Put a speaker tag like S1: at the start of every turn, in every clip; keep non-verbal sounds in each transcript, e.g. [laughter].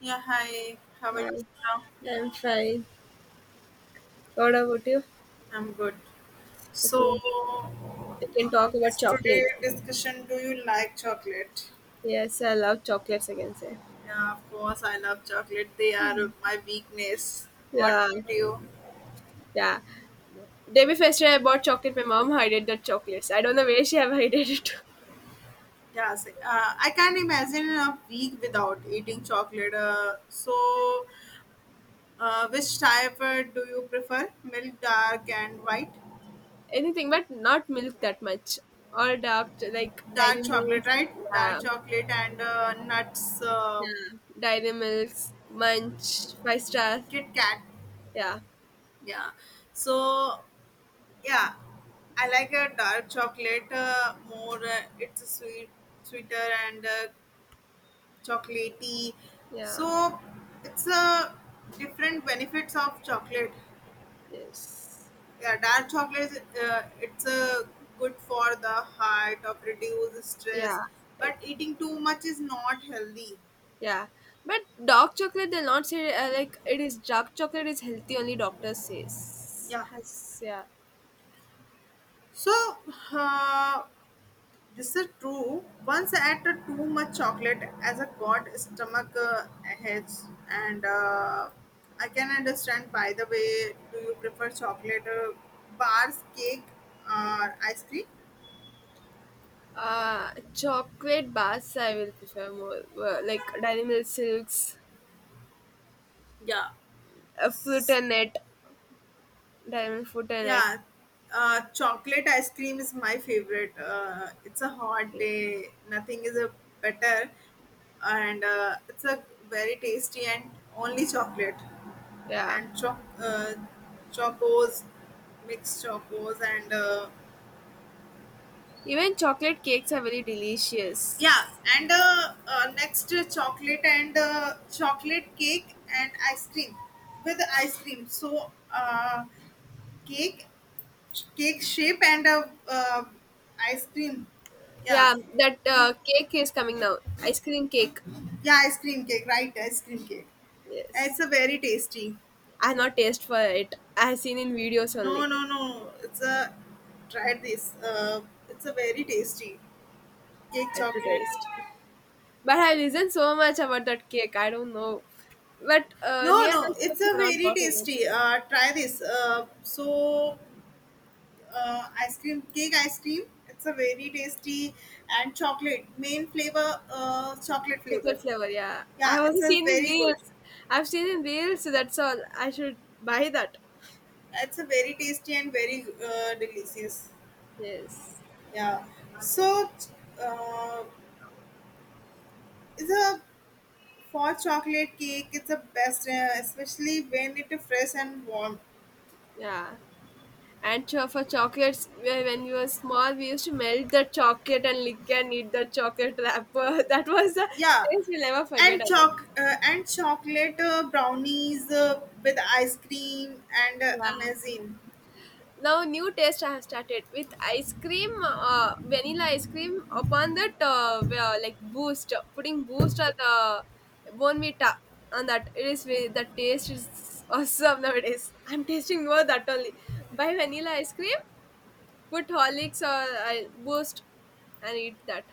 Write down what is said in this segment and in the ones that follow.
S1: Yeah, hi. How are
S2: Hi,
S1: you now?
S2: I'm fine. What about you?
S1: I'm good. So,
S2: Okay, we can
S1: uh,
S2: talk about
S1: it's today
S2: chocolate.
S1: discussion. Do you like chocolate?
S2: Yes, I love chocolates, I can say.
S1: Yeah, of course, I love chocolate. They are my weakness. What
S2: Yeah,
S1: about you?
S2: yeah. Day before yesterday, I bought chocolate. My mom hid the chocolates. I don't know where she have hid it.
S1: I can't imagine a week without eating chocolate. Which type do you prefer? Milk, dark, and white?
S2: [laughs] Anything, but not milk that much. All dark, like
S1: Dark
S2: dairy
S1: chocolate,
S2: milks.
S1: right? Dark
S2: Yeah,
S1: chocolate and nuts,
S2: dairy milks, munch, five star.
S1: Kit Kat.
S2: Yeah,
S1: Yeah. So, yeah. I like a dark chocolate more. It's sweet, sweeter and chocolatey.
S2: yeah,
S1: So it's a different benefits of chocolate.
S2: yes,
S1: Yeah, dark chocolate. It's good for the heart of reduce
S2: yeah.
S1: stress, but eating too much is not healthy.
S2: Yeah, but dark chocolate they'll not say like it is dark chocolate is healthy only doctor says
S1: Yeah.
S2: has yeah.
S1: So uh, this is true. Once I ate too much chocolate as a god stomach hurts, and I can understand. By the way, do you prefer chocolate bars, cake, or ice cream?
S2: Chocolate bars I will prefer more, like Dairy Milk Silks,
S1: Yeah. S-
S2: Fruitanet, Dairy Milk Fruitanet.
S1: Yeah, chocolate ice cream is my favorite. It's a hot
S2: Okay,
S1: day, nothing is a better, and it's a very tasty and only chocolate.
S2: yeah.
S1: And chocos, mixed chocos, and
S2: Even chocolate cakes are very
S1: yeah,
S2: delicious.
S1: and next chocolate and chocolate cake and ice cream with ice cream. So cake, cake shape and ice cream. Yeah,
S2: Yeah, that cake is coming now. Ice cream cake.
S1: yeah, ice cream cake, right? Ice cream cake. It's
S2: Yes,
S1: a very tasty.
S2: I have not taste for it. I have seen in videos
S1: No,
S2: only.
S1: no, no. It's a try this. It's a very tasty cake
S2: I have to
S1: chocolate.
S2: taste. But I listened so much about that cake. I don't know. But
S1: No,
S2: near
S1: no,
S2: the
S1: it's
S2: shops
S1: a
S2: are not
S1: very
S2: gotten
S1: tasty.
S2: it.
S1: Try this. Ice cream, cake ice cream. It's a very tasty and chocolate main flavor, chocolate flavor.
S2: Chocolate flavor, yeah. I
S1: Yeah,
S2: have also
S1: it's a
S2: seen in
S1: very good.
S2: reels. I've seen in reels, so that's all. I should buy that.
S1: It's a very tasty and very delicious.
S2: Yes.
S1: Yeah. So, uh, it's a for chocolate cake. It's a best, especially when it is fresh and warm.
S2: Yeah. And for chocolates, when we were small, we used to melt the chocolate and lick and eat the chocolate wrapper. [laughs] That was the
S1: Yeah,
S2: taste we'll never forget.
S1: and
S2: About.
S1: choc and chocolate brownies with ice cream and
S2: Yeah.
S1: amazing.
S2: Now new taste I have started with ice cream, vanilla ice cream. Upon that, we are like boost, putting boost or the bonvita on that. It the taste is awesome nowadays. [laughs] I'm tasting more that only. Buy vanilla ice cream, put horlicks or boost and eat that.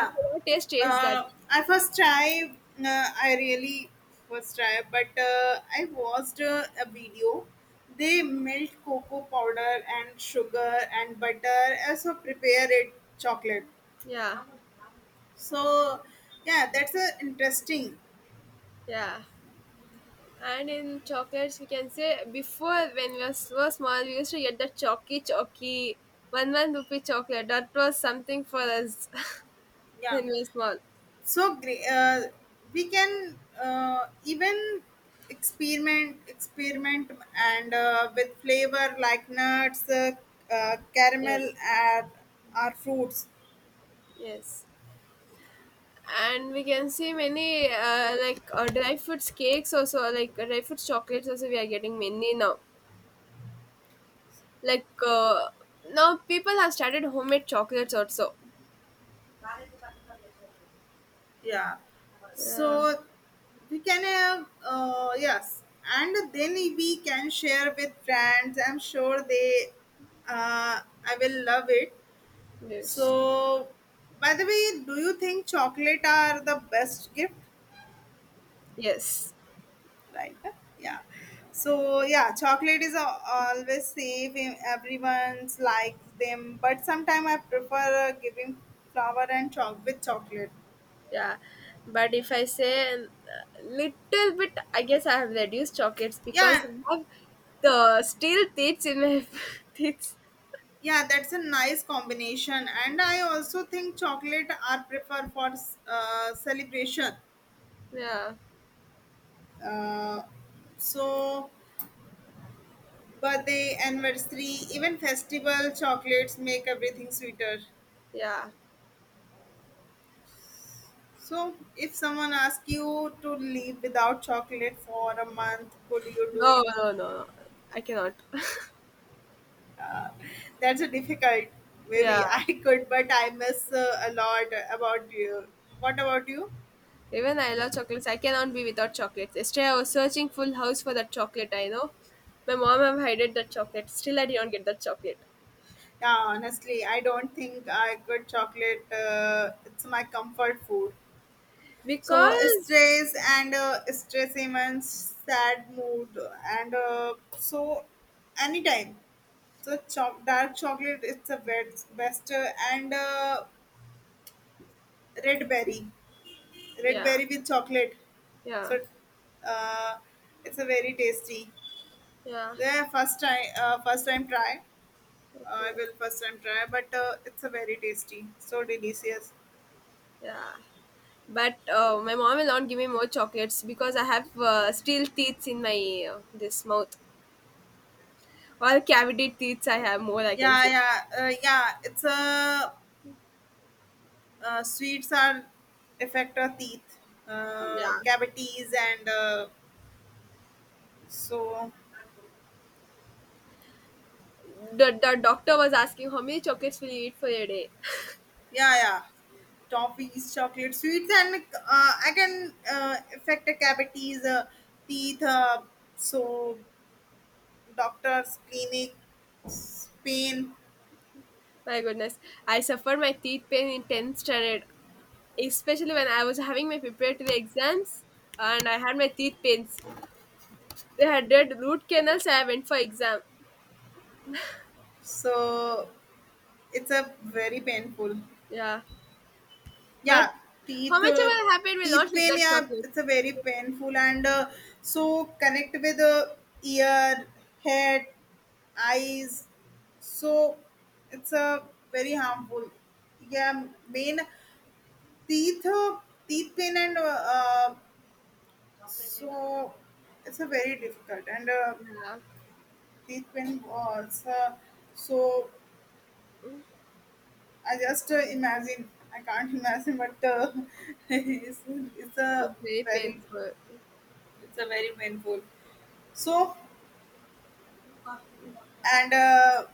S2: If you want taste that.
S1: I first try. I really first try, but I watched a video. They melt cocoa powder and sugar and butter also prepare it chocolate.
S2: Yeah,
S1: So yeah, that's a interesting.
S2: yeah. And in chocolates, we can say before when we were so small, we used to get the chalky chalky one one rupee chocolate. That was something for us [laughs]
S1: Yeah.
S2: when we were small.
S1: So great. We can even experiment and with flavor like nuts, caramel
S2: Yes,
S1: and or fruits.
S2: yes. And we can see many like dry fruits cakes, also like dry fruits chocolates also we are getting many now. Like now people have started homemade chocolates also.
S1: Yeah, so
S2: Yeah.
S1: we can have, yes, and then we can share with friends. I'm sure they, uh, I will love it. So
S2: Yes.
S1: by the way, do you think chocolate are the best gift,
S2: Yes.
S1: right? Yeah. So yeah, chocolate is always safe in everyone's, like them, but sometimes I prefer giving flower and chalk with chocolate.
S2: Yeah, but if I say, little bit, I guess I have reduced chocolates because
S1: Yeah,
S2: I have the still teeth in my [laughs] teeth.
S1: yeah, that's a nice combination, and I also think chocolate are prefer for celebration,
S2: Yeah,
S1: uh, so birthday, anniversary, even festival, chocolates make everything sweeter.
S2: yeah.
S1: So, if someone asks you to live without chocolate for a month, could you do
S2: No,
S1: it?
S2: no, no, no. I cannot. [laughs]
S1: Uh, that's a difficult. Maybe
S2: Yeah.
S1: [laughs] I could, but I miss a lot about you. What about you?
S2: Even I love chocolates. I cannot be without chocolates. Yesterday I was searching full house for that chocolate. I know. My mom have hidden that chocolate. Still I didn't get that chocolate
S1: Yeah, honestly, I don't think I could chocolate. It's my comfort food. So
S2: because
S1: stress and stress immense sad mood and so anytime. So dark chocolate, it's the best, best. And. Red berry, red
S2: yeah,
S1: berry with chocolate.
S2: yeah,
S1: So uh, it's a very tasty.
S2: yeah.
S1: Yeah, first time, first time try. I
S2: Okay,
S1: will first time try, but it's a very tasty, so delicious.
S2: yeah. But my mom will not give me more chocolates because I have still teeth in my, this mouth. Or cavity teeth I have more I can
S1: yeah
S2: say.
S1: yeah uh, yeah it's a, sweets are affect our teeth,
S2: Yeah.
S1: cavities, and so
S2: The doctor was asking how many chocolates will you eat for a day.
S1: yeah, yeah. Toffees, chocolate sweets, and I can affect a cavities, teeth. So doctors, clinics, pain.
S2: [laughs] My goodness. I suffered my teeth pain in 10th standard. Especially when I was having my preparatory exams and I had my teeth pains. They had did root canals I went for exam.
S1: So it's a very painful.
S2: Yeah.
S1: Yeah,
S2: But how
S1: teeth,
S2: much ever happened will
S1: teeth
S2: not leave
S1: pain.
S2: that
S1: Yeah,
S2: chocolate.
S1: it's a very painful and so connect with ear, head, eyes. So it's a very harmful. Yeah, main teeth, teeth pain and uh, uh, so it's a very difficult and
S2: Yeah.
S1: teeth pain was, so I just, imagine, I can't [laughs] imagine, but [laughs] it's, it's a
S2: It's very
S1: very,
S2: painful.
S1: it's a very painful, so and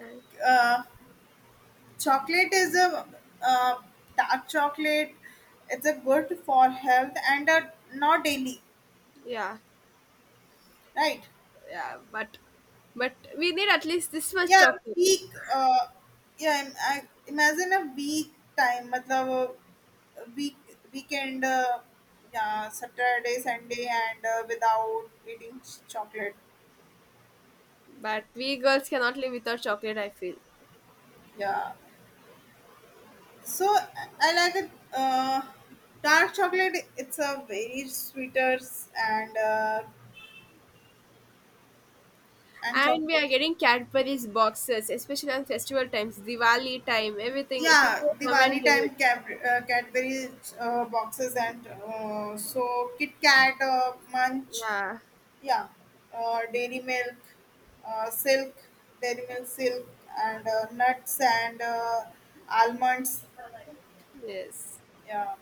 S2: Uh,
S1: uh, chocolate is a, uh, dark chocolate, it's a good for health and not daily,
S2: yeah,
S1: right?
S2: yeah, but we need at least this much
S1: Yeah,
S2: chocolate.
S1: week. Yeah, I, imagine a week time. मतलब week weekend. Yeah, Saturday, Sunday, and without eating chocolate.
S2: But we girls cannot live without chocolate, I feel,
S1: Yeah. So I like it. Dark chocolate. It's a very sweeter and uh, and
S2: and we are
S1: chocolatey.
S2: getting Cadbury's boxes, especially on festival times, Diwali time, everything. If
S1: Yeah,
S2: people come and
S1: Diwali
S2: give
S1: time
S2: it,
S1: Cadbury, Cadbury boxes and so Kit Kat, Munch.
S2: yeah,
S1: Yeah, dairy milk, silk, dairy milk, silk, and nuts and almonds.
S2: yes.
S1: Yeah,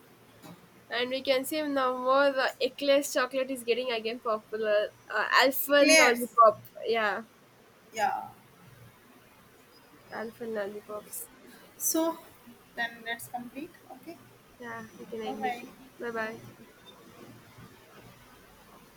S2: And we can see now more the Eclairs chocolate is getting again popular. Alphen
S1: eclairs.
S2: lollipop, yeah,
S1: Yeah.
S2: Alphen lollipops.
S1: So then let's complete. Okay.
S2: Yeah, we can
S1: Bye
S2: end it here.
S1: bye.
S2: Bye bye.